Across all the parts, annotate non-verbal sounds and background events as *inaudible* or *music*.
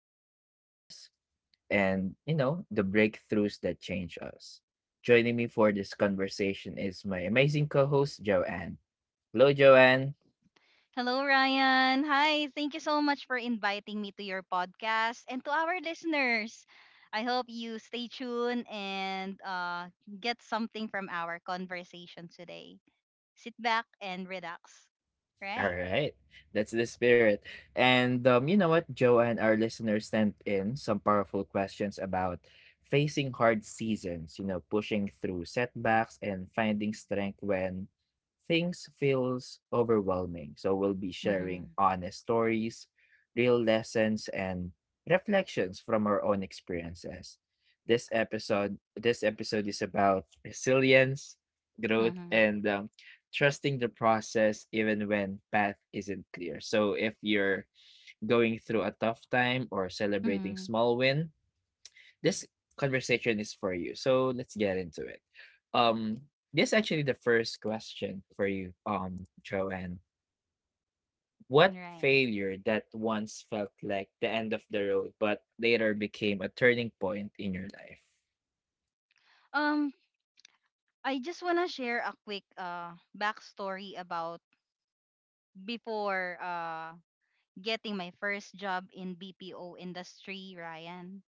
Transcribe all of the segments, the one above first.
almost breaks us, and you know, the breakthroughs that change us. Joining me for this conversation is my amazing co-host Joanne. Hello Joanne. Hello, Ryan. Hi. Thank you so much for inviting me to your podcast and to our listeners. I hope you stay tuned and get something from our conversation today. Sit back and relax. Right. All right. That's the spirit. And Joe and our listeners sent in some powerful questions about facing hard seasons, you know, pushing through setbacks and finding strength when things feels overwhelming. So we'll be Mm-hmm. sharing honest stories, real lessons and reflections from our own experiences. This episode is about resilience, growth Mm-hmm. and trusting the process even when path isn't clear. So if you're going through a tough time or celebrating Mm-hmm. small win, this conversation is for you. So let's get into it. Um this is actually the first question for you, Joanne. What Right. failure that once felt like the end of the road but later became a turning point in your life? Um, I just wanna share a quick backstory about before getting my first job in BPO industry, Ryan.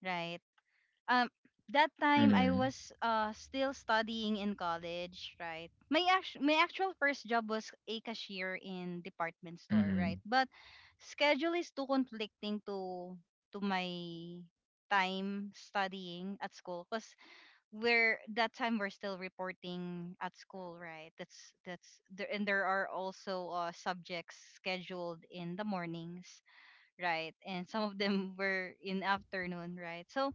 Right. um that time I Mm-hmm. was still studying in college, right? My actual first job was a cashier in department store, right? But schedule is too conflicting to my time studying at school because we're that time we're still reporting at school, right? That's there, and there are also subjects scheduled in the mornings, right? And some of them were in afternoon, right? So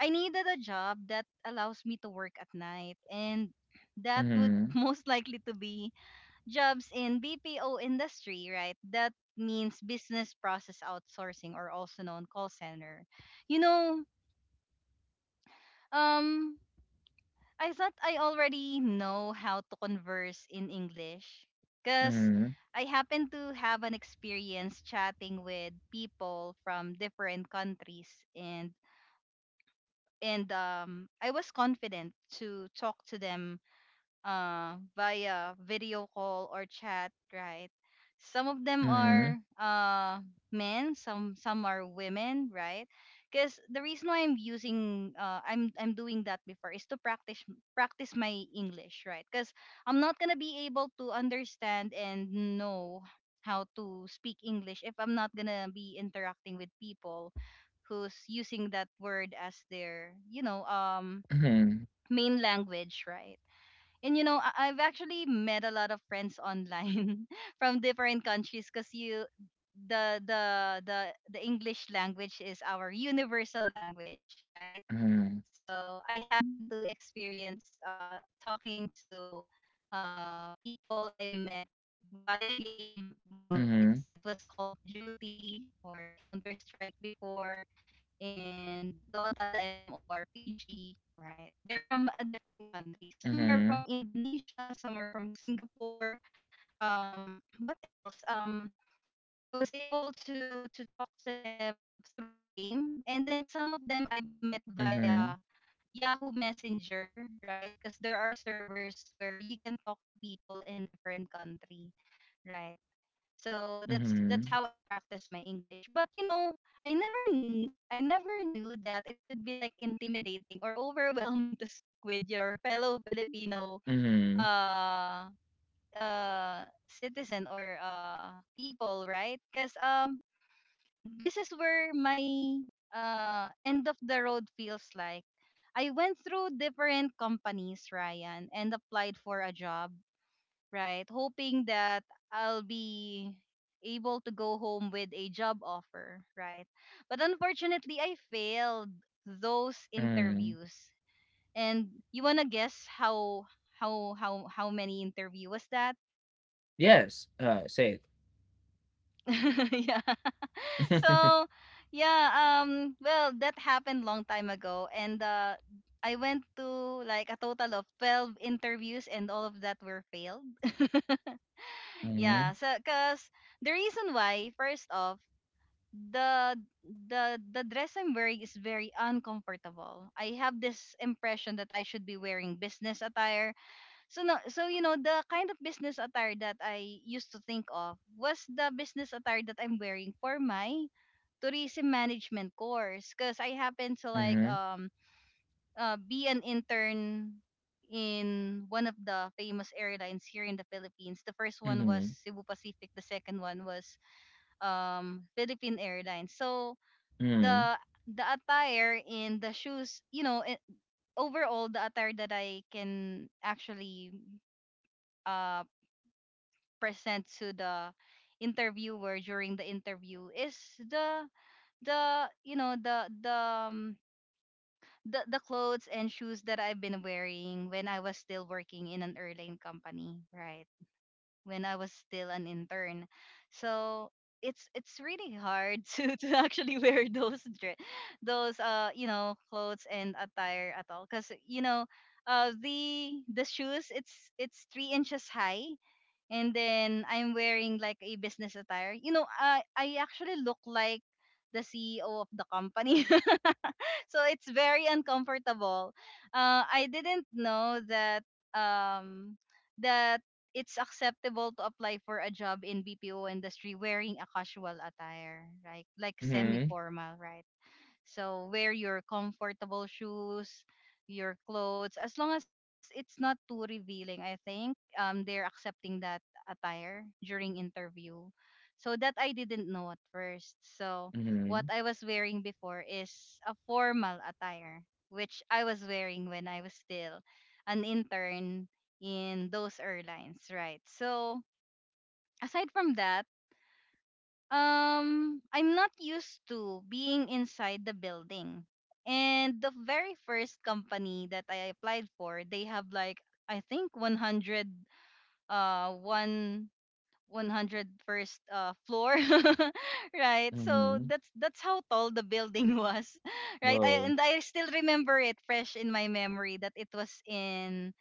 I needed a job that allows me to work at night, and that would *laughs* Mm-hmm. most likely to be jobs in BPO industry, right? That means business process outsourcing, or also known call center. You know, um I thought I already know how to converse in English, cuz Mm-hmm. I happen to have an experience chatting with people from different countries, and I was confident to talk to them via video call or chat, right? Some of them Mm-hmm. are men, some are women, right? Because the reason why I'm using I'm doing that before is to practice my English, right? Because I'm not gonna be able to understand and know how to speak English if I'm not gonna be interacting with people who's using that word as their, you know, Mm-hmm. Mm-hmm. main language, right? And you know, I've actually met a lot of friends online *laughs* from different countries because you, the English language is our universal language, right? Mm-hmm. So I happen to experience talking to people I've met via game. Well, Mm-hmm. It was Call of Duty or Counter Strike before, and Dota, the MMORPG, right? They're from a different country. Some are Mm-hmm. from Indonesia, some are from Singapore. What else? I was able to talk to them through the game, and then some of them I've met Mhm, via Yahoo Messenger, right? Because there are servers where you can talk to people in different country, right? So that's mhm, how I practice my English. But you know, I never knew that it could be like intimidating or overwhelming *laughs* to speak with your fellow Filipino mhm, uh citizen, or people, right? Cuz this is where my end of the road feels like. I went through different companies, Ryan, and applied for a job, right? Hoping that I'll be able to go home with a job offer, right? But unfortunately, I failed those mhm. interviews. And you wanna guess how many interview was that? Yes, say it. *laughs* Yeah. So *laughs* yeah, well, that happened long time ago, and I went to like a total of 12 interviews, and all of that were failed. *laughs* Yeah, Mhm, so cuz the reason why, first off, the the dress I'm wearing is very uncomfortable. I have this impression that I should be wearing business attire. So no, so you know, the kind of business attire that I used to think of was the business attire that I'm wearing for my tourism management course, because I happen to like mhm, be an intern in one of the famous airlines here in the Philippines. The first one was mhm, Cebu Pacific, the second one was Philippine Airlines. So mhm, the the attire and the shoes, you know it, overall the attire that I can actually uh present to the interviewer during the interview is the the you know um, the clothes and shoes that I've been wearing when I was still working in an airline company, right, when I was still an intern. So it's really hard *laughs* to actually wear those clothes and attire at all, because you know, the shoes, it's 3 inches high, and then I'm wearing like a business attire. You know, I actually look like the CEO of the company. *laughs* *laughs* So it's very uncomfortable. I didn't know that, um, that it's acceptable to apply for a job in BPO industry wearing a casual attire, right? Like mhm, semi-formal, right? So wear your comfortable shoes, your clothes, as long as it's not too revealing. I think they're accepting that attire during interview. So that I didn't know at first. So what mhm, I was wearing before is a formal attire, which I was wearing when I was still an intern in those airlines, right? So aside from that, I'm not used to being inside the building. And the very first company that I applied for, they have like I think 100 uh one 100 first floor. *laughs* Right? So mhm. that's how tall the building was. *laughs* Right? I Woah. And I still remember it fresh in my memory that it was in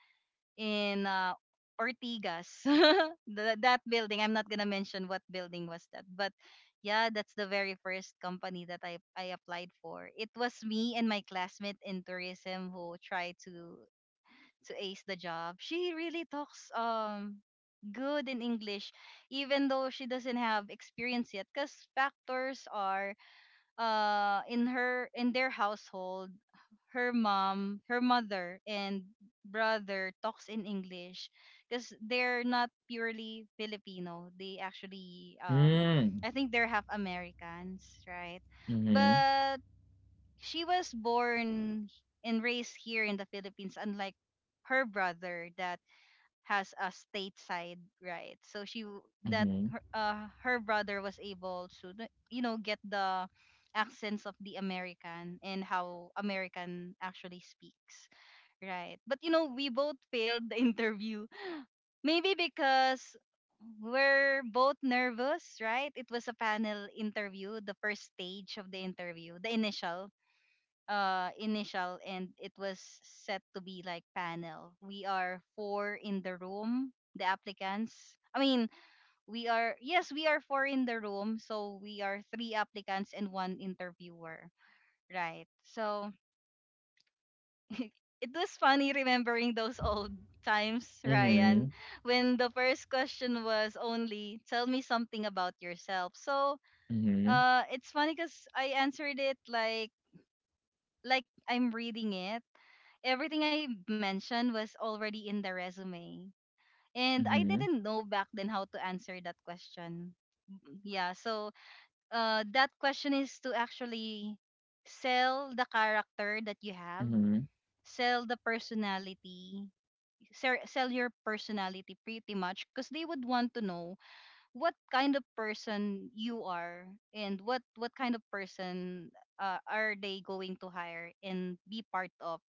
in uh, Ortigas. *laughs* That building, I'm not gonna mention what building was that, but yeah, that's the very first company that I applied for. It was me and my classmate in tourism who tried to ace the job. She really talks good in English, even though she doesn't have experience yet, because factors are, in their household, her mom, her mother, and brother talks in English, because they're not purely Filipino. They actually, *laughs* Mm. I think they're half Americans, right? Mhm, But she was born and raised here in the Philippines, unlike her brother that has a stateside, right? That mhm, her, her brother was able to you know, get the accents of the American and how American actually speaks, right? But you know, we both failed the interview. *laughs* Maybe because we're both nervous, right? It was a panel interview, the first stage of the interview, the initial and it was set to be like panel. We are four in the room the applicants I mean We are, yes, we are four in the room, so we are three applicants and one interviewer, right? So *laughs* it was funny remembering those old times, Ryan, mhm, when the first question was only, tell me something about yourself. So mhm, it's funny because I answered it like I'm reading it, everything I mentioned was already in the resume. And I mhm, didn't know back then how to answer that question. Mm. Yeah, so that question is to actually sell the character that you have, mhm, sell the personality, sell your personality, pretty much, because they would want to know what kind of person you are, and what kind of person are they going to hire and be part of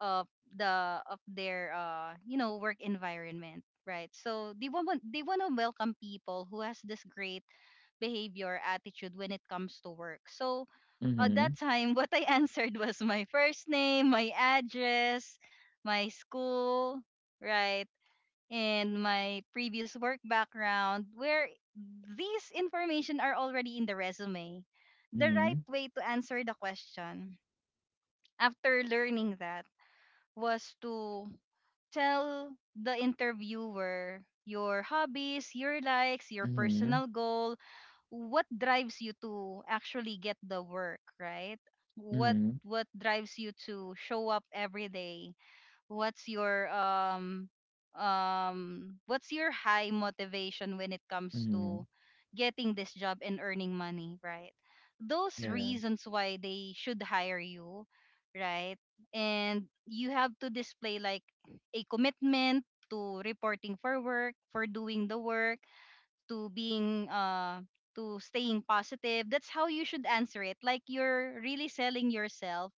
of the, of their you know, work environment, right? So they want to welcome people who has this great behavior attitude when it comes to work. So at mhm, that time *laughs* what I answered was my first name, my address, my school, right, and my previous work background, where these information are already in the resume. The right mhm, way to answer the question, after learning that, was to tell the interviewer your hobbies, your likes, your mhm, personal goal, what drives you to actually get the work, right? What mhm, what drives you to show up every day, what's your um what's your high motivation when it comes to mhm. getting this job and earning money, right? Those Yeah. reasons why they should hire you, right? And you have to display like a commitment to reporting for work, for doing the work, to being to staying positive. That's how you should answer it, like you're really selling yourself,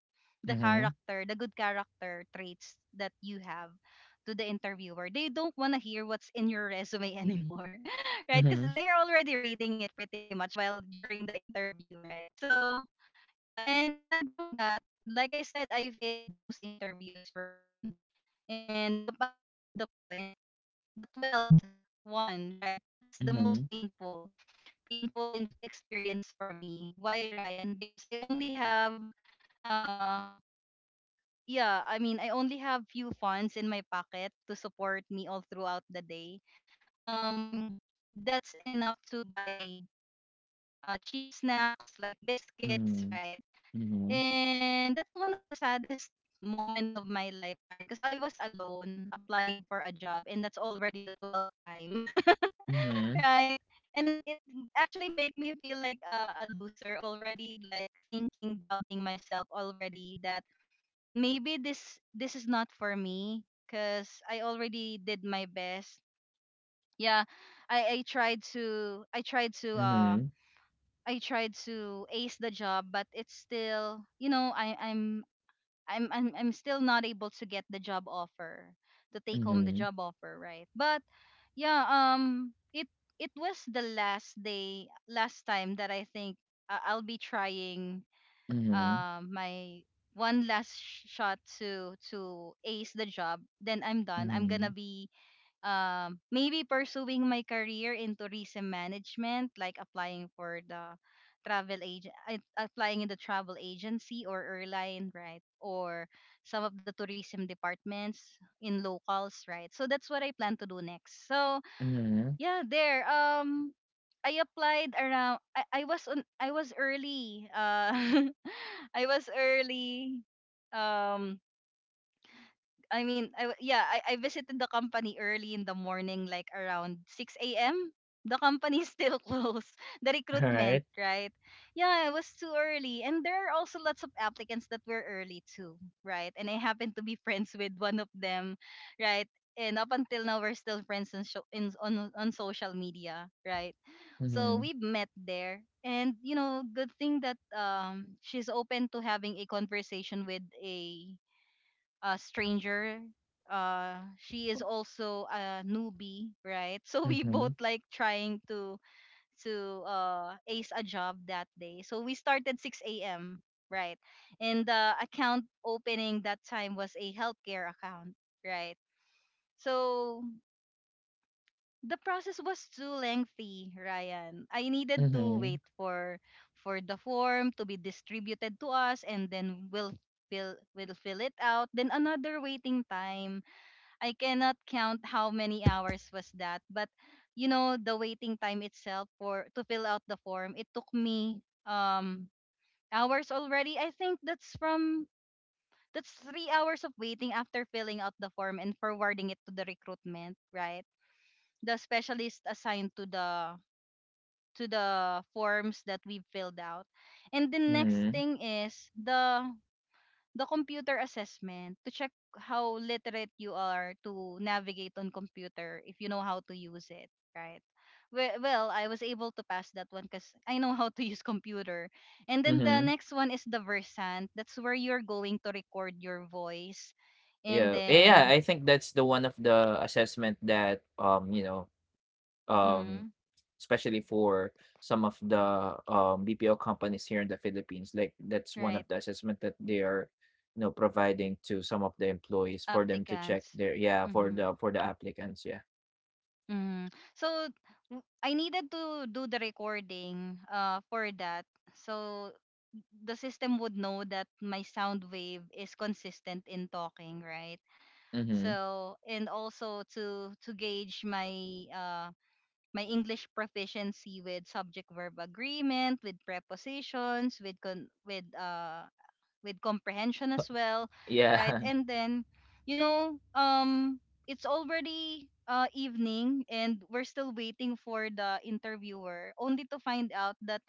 the Mhm, character, the good character traits that you have to the interviewer. They don't want to hear what's in your resume anymore, *laughs* right? Because mhm, they're already reading it, pretty much, while during the interview, right? So yeah, and aside from that, like I said, I failed those interviews, Ryan. And up until to the point the 12th one, right? That's the mhm, most painful, experience for me. Why, Ryan? Because I only have, uh, yeah, I mean, I only have few funds in my pocket to support me all throughout the day. Um, that's enough to buy cheap snacks like biscuits, mhm, right? mhm, And that's one of the saddest *laughs* moment of my life, Ryan, because I was alone applying for a job and that's already the 12th time. *laughs* mhm, Right? And it actually make me feel like a loser already, like thinking, doubting myself already that maybe this is not for me because I already did my best. Yeah, I tried to I tried to mhm, I tried to ace the job, but it's still, I'm I'm still not able to get the job offer to take home the mhm, job offer, right? But yeah, it was the last day last time that I think I'll be trying mhm, my one last shot to ace the job. Then I'm done. I'm going to be maybe pursuing my career in tourism management, like applying for the travel agent, applying in the travel agency or airline, right? Or some of the tourism departments in locals, right? So that's what I plan to do next. So mhm, mhm. yeah, there. I applied around. I was on. I was early. *laughs* I was early. Um, I mean, I, w- yeah, I visited the company early in the morning, like around 6 a.m. The company is still *laughs* closed. The recruitment, Alright. right? Yeah, it was too early. And there are also lots of applicants that were early too, right? And I happen to be *laughs* friends with one of them, right? And up until now, we're still friends on, sho- in, on social media, right? So Mhm, we met there. And, you know, good thing that she's open to having a conversation with a stranger. She is also a newbie, right? *laughs* So we both mhm, like trying to ace a job that day. So we started 6 a.m., right, and the account opening that time was a healthcare account, right? So the process was too lengthy, Ryan. I needed to wait mhm, for the form to be distributed to us, and then we'll fill it out. Then another waiting time. I cannot count how many hours was that, but you know the waiting time itself for to fill out the form, it took me hours already. I think that's from that's 3 hours of waiting after filling out the form and forwarding it to the recruitment, right? The specialist assigned to the forms that we've filled out. And the next mhm, thing is the computer assessment to check how literate you are to navigate on computer if you know how to use it, right? Well, I was able to pass that one because I know how to use computer. And then the mhm, next one is the Versant. That's where you're going to record your voice. And yeah, yeah, then, I think that's the one of the assessment that, you know, um, mhm, especially for some of the, BPO companies here in the Philippines, like, that's one right, of the assessment that they are, you know, providing to some of the employees for them to check applicants. their yeah, for Mm-hmm. the applicants, yeah. Mm. So I needed to do the recording for that. So the system would know that my sound wave is consistent in talking, right. Mhm, So and also to gauge my my English proficiency with subject verb agreement, with prepositions, with con- with comprehension as well, right. yeah. And then, you know, it's already evening, and we're still waiting for the interviewer only to find out that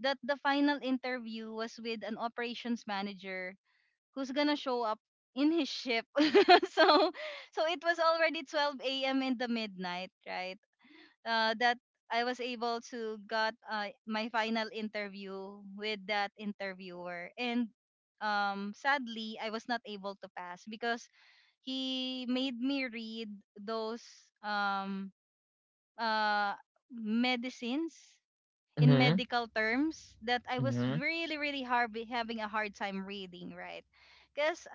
that the final interview was with an operations manager who's gonna show up in his ship. *laughs* So so it was already 12 a.m. in the midnight, right? That I was able to got my final interview with that interviewer, and sadly I was not able to pass because he made me read those um uh medicines *laughs* in Mhm, medical terms that I was mhm. really, really hard having a hard time reading, right? Because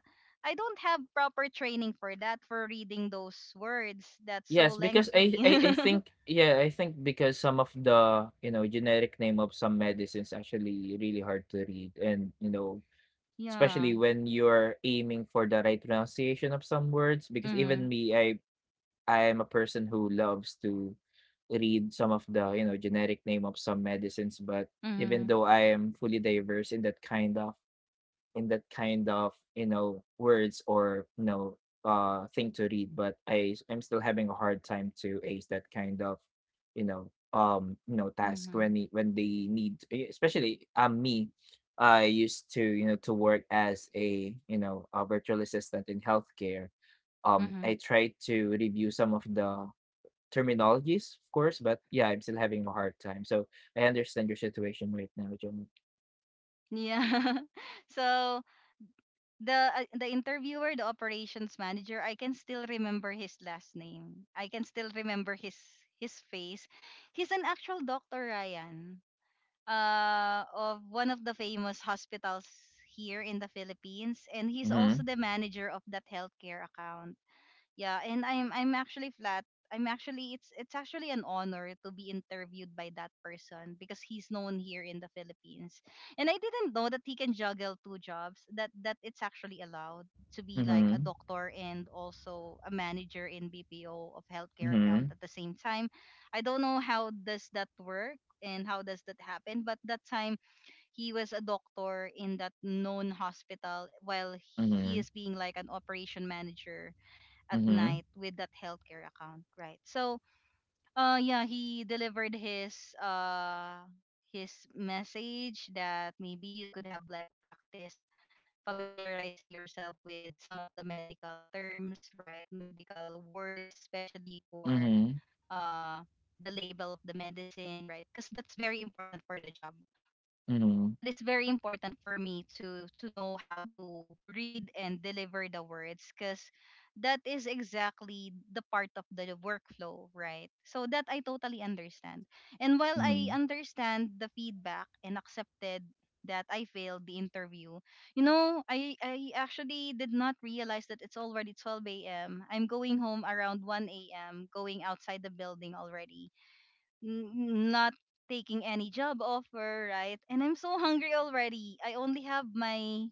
I don't have proper training for that, for reading those words that's so Yes, because I lengthy. *laughs* I I think yeah, I think because some of the, you know, generic name of some medicines actually really hard to read and, you know, Yeah. especially when you're aiming for the right pronunciation of some words because Mm-hmm. even me, I am a person who loves to read some of the, you know, generic name of some medicines, but Mm-hmm. even though I am fully diverse in that kind of in that kind of you know words or you know thing to read but I'm still having a hard time to ace that kind of you know task when Mm-hmm. they need especially me. I used to you know to work as a you know a virtual assistant in healthcare. I Hmm. tried to review some of the terminologies of course but yeah I'm still having a hard time so I understand your situation right now, John. Yeah. *laughs* So the interviewer, the operations manager, I can still remember his last name. I can still remember his face. He's an actual doctor, Ryan. Uh, of one of the famous hospitals here in the Philippines, and he's Mm-hmm, also the manager of that healthcare account. Yeah, and I'm actually flat. I'm actually it's actually an honor to be interviewed by that person because he's known here in the Philippines. And I didn't know that he can juggle two jobs. That it's actually allowed to be like mm-hmm, a doctor and also a manager in BPO of healthcare account mm-hmm, at the same time. I don't know how does that work and how does that happen, but that time he was a doctor in that known hospital while he mm-hmm. is being like an operation manager at Mhm, night with that healthcare account, right? So, yeah, he delivered uh his message that maybe you could have like practice familiarizing yourself with some of the medical terms, right? Medical words, especially for mhm, uh the label of the medicine, right? Because that's very important for the job, mhm, that is very important for me to know how to read and deliver the words because that is exactly the part of the workflow, right. So that I totally understand, and while I mhm. understand the feedback and accepted that I failed the interview, you know, I actually did not realize that it's already 12 a.m. I'm going home around 1 a.m., going outside the building already, n- not taking any job offer, right? And I'm so hungry already. I only have my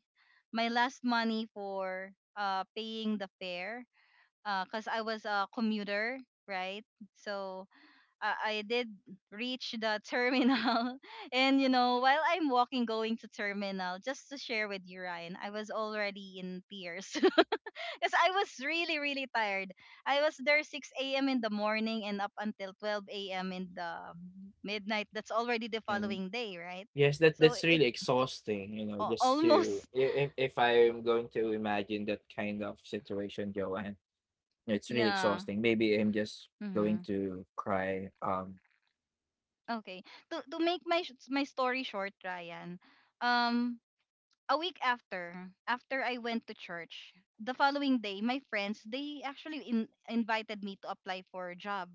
my last money for paying the fare, cuz I was a commuter, right? So I did reach the *laughs* terminal, and you know, while I'm walking going to terminal, just to share with you Ryan, I was already in tears. *laughs* Because I was really, really tired. I was there 6 a.m. in the morning and up until 12 a.m. in the midnight. That's already the And following day, right? yes, that So that's it really exhausting, you know, just to almost, *laughs* if I'm going to imagine that kind of situation, Joanne, it's really yeah. exhausting. Maybe I'm just going Hmm. to cry. Okay. To make my my story short, Ryan. Um, a week after I went to church, the following day, my friends they actually invited me to apply for a job,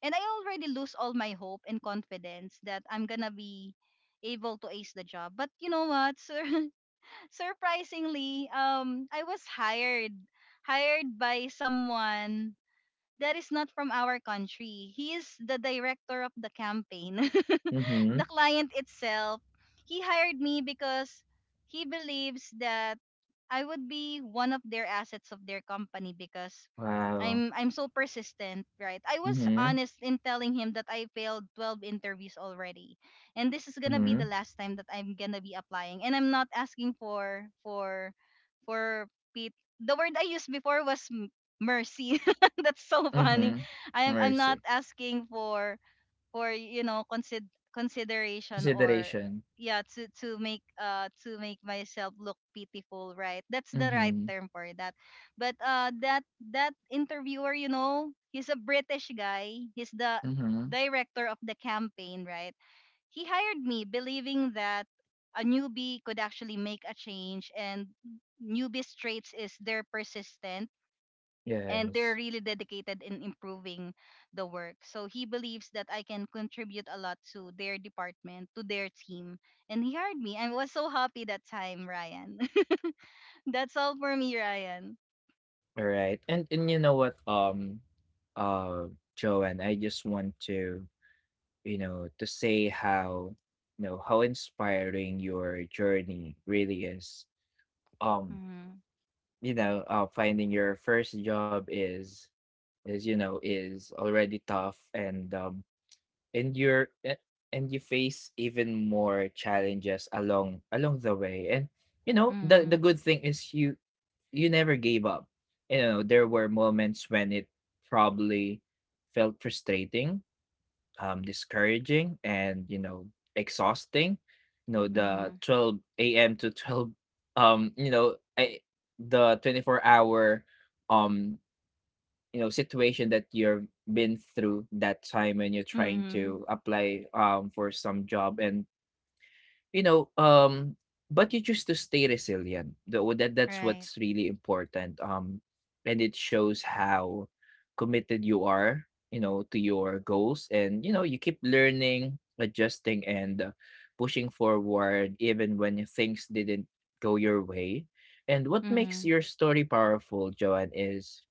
and I already lose all my hope and confidence that I'm gonna be able to ace the job. But you know what? *laughs* Surprisingly, I was hired by someone that is not from our country. He is the director of the campaign. *laughs* The Mhm, client itself, he hired me because he believes that I would be one of their assets of their company because wow, I'm so persistent, right? I was mhm, honest in telling him that I failed 12 interviews already. And this is going to be the mhm, last time that I'm going to be applying. And I'm not asking for Pete. The word I used before was mercy. *laughs* That's so funny. mhm. I'm not Mercy. asking for, or you know, consideration, or Consideration. yeah, to make myself look pitiful, right. That's the right Mhm, term for that. But uh, that interviewer, you know, he's a British guy, he's the mhm. director of the campaign, right. He hired me believing that a newbie could actually make a change, and newbie traits is they're persistent, and they're Yes, really dedicated in improving the work. So he believes that I can contribute a lot to their department, to their team, and he hired me. I was so happy that time, Ryan. *laughs* That's all for me, Ryan. all right, and uh, Joanne, I just want to you know, to say how, you know, how inspiring your journey really is. Um, Mhm. you know, finding your first job is you know is already tough, and and you face even more challenges along the way. And you know, the Mhm. good thing is you never gave up. You know, there were moments when it probably felt frustrating, discouraging and you know exhausting, you know the Mhm. 12 a.m. to 12, *laughs* you know, the 24 hour um you know situation that you've been through that time when you're trying Mhm. to apply for some job. And you know, but you choose to stay resilient. Though that that's Right. what's really important. And it shows how committed you are, you know, to your goals, and you know, you keep learning, adjusting, and pushing forward even when things didn't go your way. And what makes Mhm. your story powerful, Joanne, is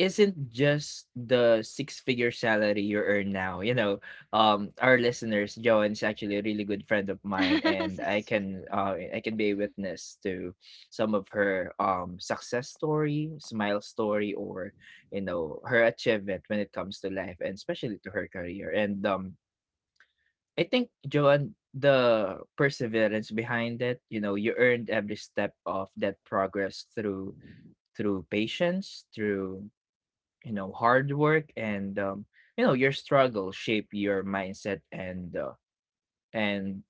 isn't just the six-figure salary you earn now. You know, our listeners, Joan's actually a really good friend of mine, *laughs* and Six feet. I can be a witness to some of her success story, smile story, or you know her achievement when it comes to life and especially to her career. And I think Joan, the perseverance behind it, you know, you earned every step of that progress through patience, through you know hard work and you know your struggle shape your mindset and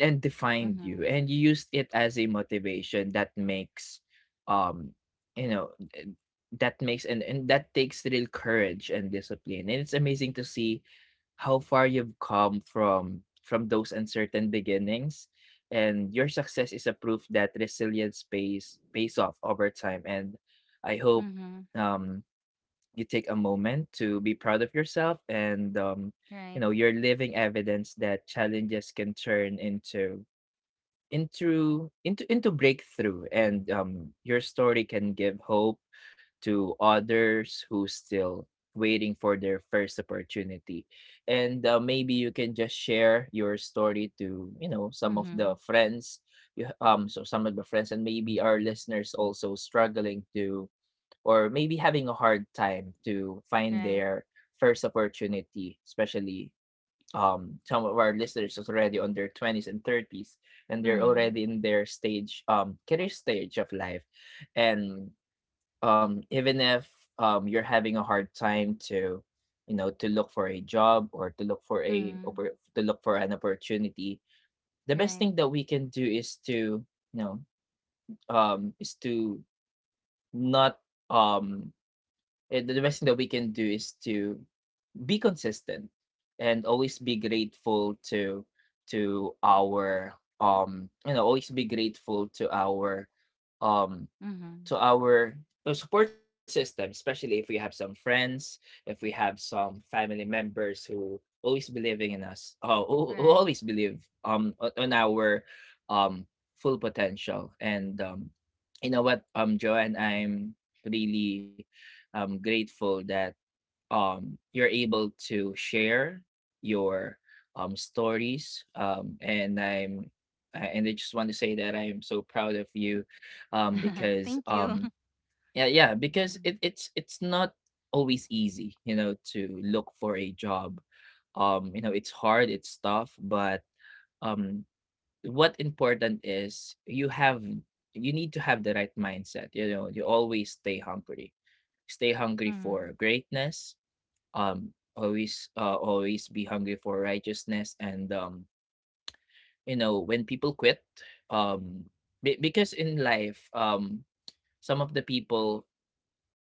and defined you Mhm. and you used it as a motivation that makes um you know eh, that makes and that takes real courage and discipline and it's amazing to see how far you've come from those uncertain beginnings and your success is a proof that resilience pays off over time. And I hope Mhm. *laughs* um you take a moment to be proud of yourself and Right. you know you're living evidence that challenges can turn into breakthrough and your story can give hope to others who still waiting for their first opportunity, and maybe you can just share your story to you know some of Mhm. the friends you ha- so some of the friends and maybe our listeners also struggling to or maybe having a hard time to find Right. their first opportunity, especially some of our listeners is already on their 20s and 30s and they're Mhm. already in their stage career stage of life. And even if you're having a hard time to you know to look for a job or to look for Mhm. To look for an opportunity, the best Right. thing that we can do is to you know is to not um eh, the best thing that we can do is to be consistent and always be grateful to our you know always be grateful to our um Mhm. to our support system, especially if we have some friends, if we have some family members who always believing in us, oh who Right. always believe on our um full potential. And you know what Joanne, I'm really grateful that you're able to share your stories. And I just want to say that I am so proud of you, um, *laughs* because Thank you. um, *laughs* yeah, yeah, because Mhm. It's not always easy, you know, to look for a job. You know, it's hard, it's tough, but um, what important is you need to have the right mindset. You know, you always stay hungry for Mhm. greatness, always always be hungry for righteousness and you know when people quit, um because in life some of the people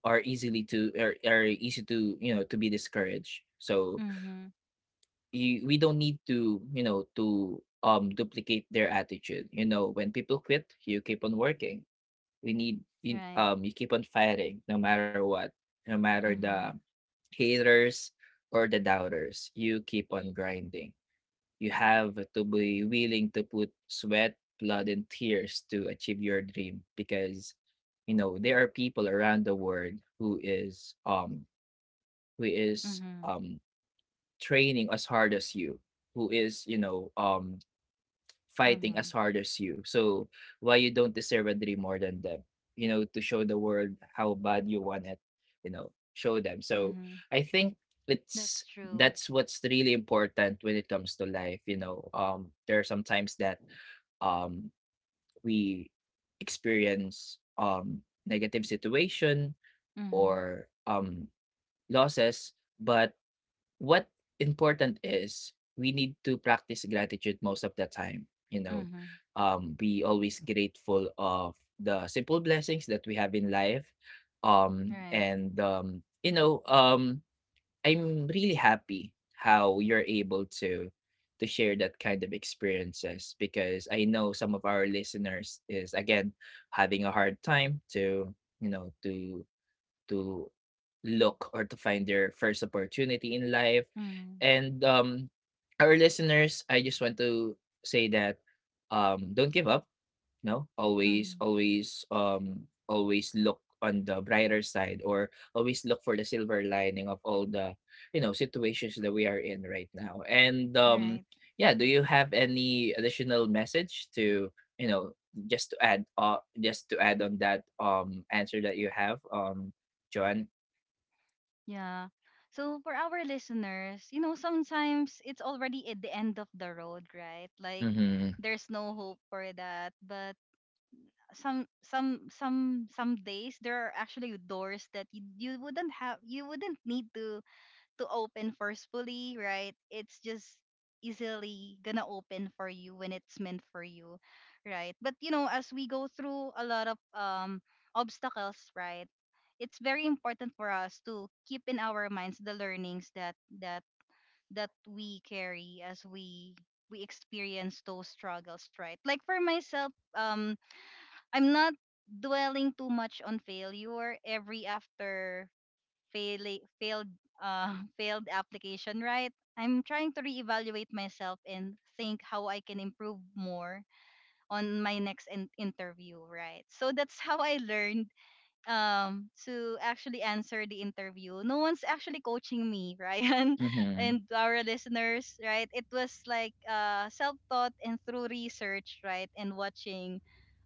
are easy to you know to be discouraged. So Mhm. We don't need to you know to duplicate their attitude. You know when people quit you keep on working. We need you, Right. You keep on fighting no matter what, no matter the Mhm. haters or the doubters, you keep on grinding. You have to be willing to put sweat, blood, and tears to achieve your dream because you know there are people around the world who is who is Mhm. um training as hard as you, who is you know fighting as Mhm. hard as you. So why you don't deserve a dream more than them? You know, to show the world how bad you want it, you know, show them. So Mhm. I think it's That's true. that's what's really important when it comes to life, you know. There are sometimes that um we experience negative situation Mhm. or losses, but what important is we need to practice gratitude most of the time, you know, Mhm. Be always grateful of the simple blessings that we have in life, um Right. and um you know I'm really happy how you're able to share that kind of experiences because I know some of our listeners is again having a hard time to you know to to look or to find their first opportunity in life. Mhm. And our listeners, I just want to say that, don't give up. No, always Mhm. always always look on the brighter side or always look for the silver lining of all the you know situations that we are in right now, and Right. yeah, do you have any additional message to you know just to add on that answer that you have, Joan? Yeah. So for our listeners, you know, sometimes it's already at the end of the road, right? Like Mm-hmm, there's no hope for that, but some days there are actually doors that you wouldn't have you wouldn't need to open forcefully, right? It's just easily gonna open for you when it's meant for you, right? But you know, as we go through a lot of obstacles, right? It's very important for us to keep in our minds the learnings that that that we carry as we experience those struggles, right? Like for myself, I'm not dwelling too much on failure every after fail, failed *laughs* failed application, right? I'm trying to reevaluate myself and think how I can improve more on my next interview, right? So that's how I learned to actually answer the interview. No one's actually coaching me, *laughs* Ryan, mm-hmm, and our listeners, right? It was like self-taught and through research, right, and watching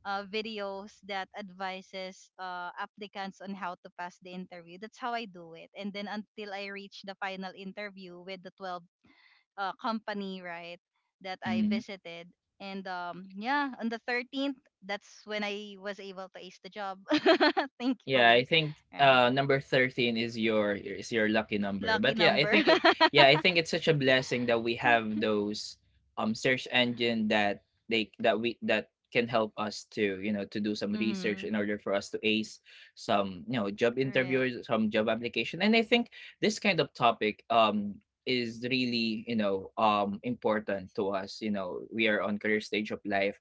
videos that advises applicants on how to pass the interview. That's how I do it. And then until I reach the final interview with the 12 company, right, that I mm-hmm. visited. And yeah, on the 13th, that's when I was able to ace the job, *laughs* Yeah, I thankfully, think right? Number 13 is your lucky number. Lucky But yeah, I number. *laughs* think it yeah, I think it's such a blessing that we have those search engine that they that we that can help us to, you know, to do some research Mm-hmm. in order for us to ace some, you know, job Correct. interviews, some job application. And I think this kind of topic is really, you know, important to us. You know, we are on career stage of life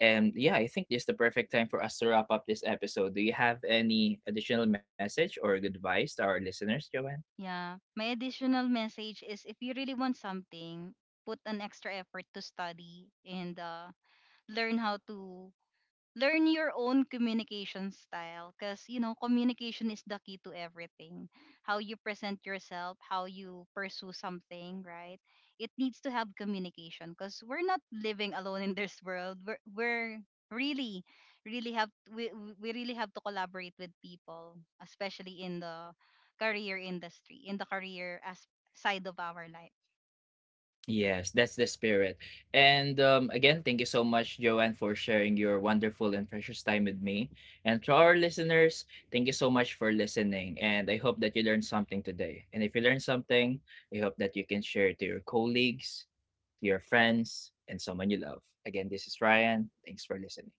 and yeah, I think this is the perfect time for us to wrap up this episode. Do you have any additional message or advice to our listeners, Joanne? Yeah. My additional message is if you really want something, put an extra effort to study and learn how to learn your own communication style, because you know communication is the key to everything, how you present yourself, how you pursue something, right. It needs to have communication because we're not living alone in this world. Really really have we, we really have to collaborate with people, especially in the career industry, in the career as side of our life. Yes, that's the spirit. And again, thank you so much, Joanne, for sharing your wonderful and precious time with me. And to our listeners, thank you so much for listening. And I hope that you learned something today. And if you learned something, I hope that you can share it to your colleagues, to your friends, and someone you love. Again, this is Ryan. Thanks for listening.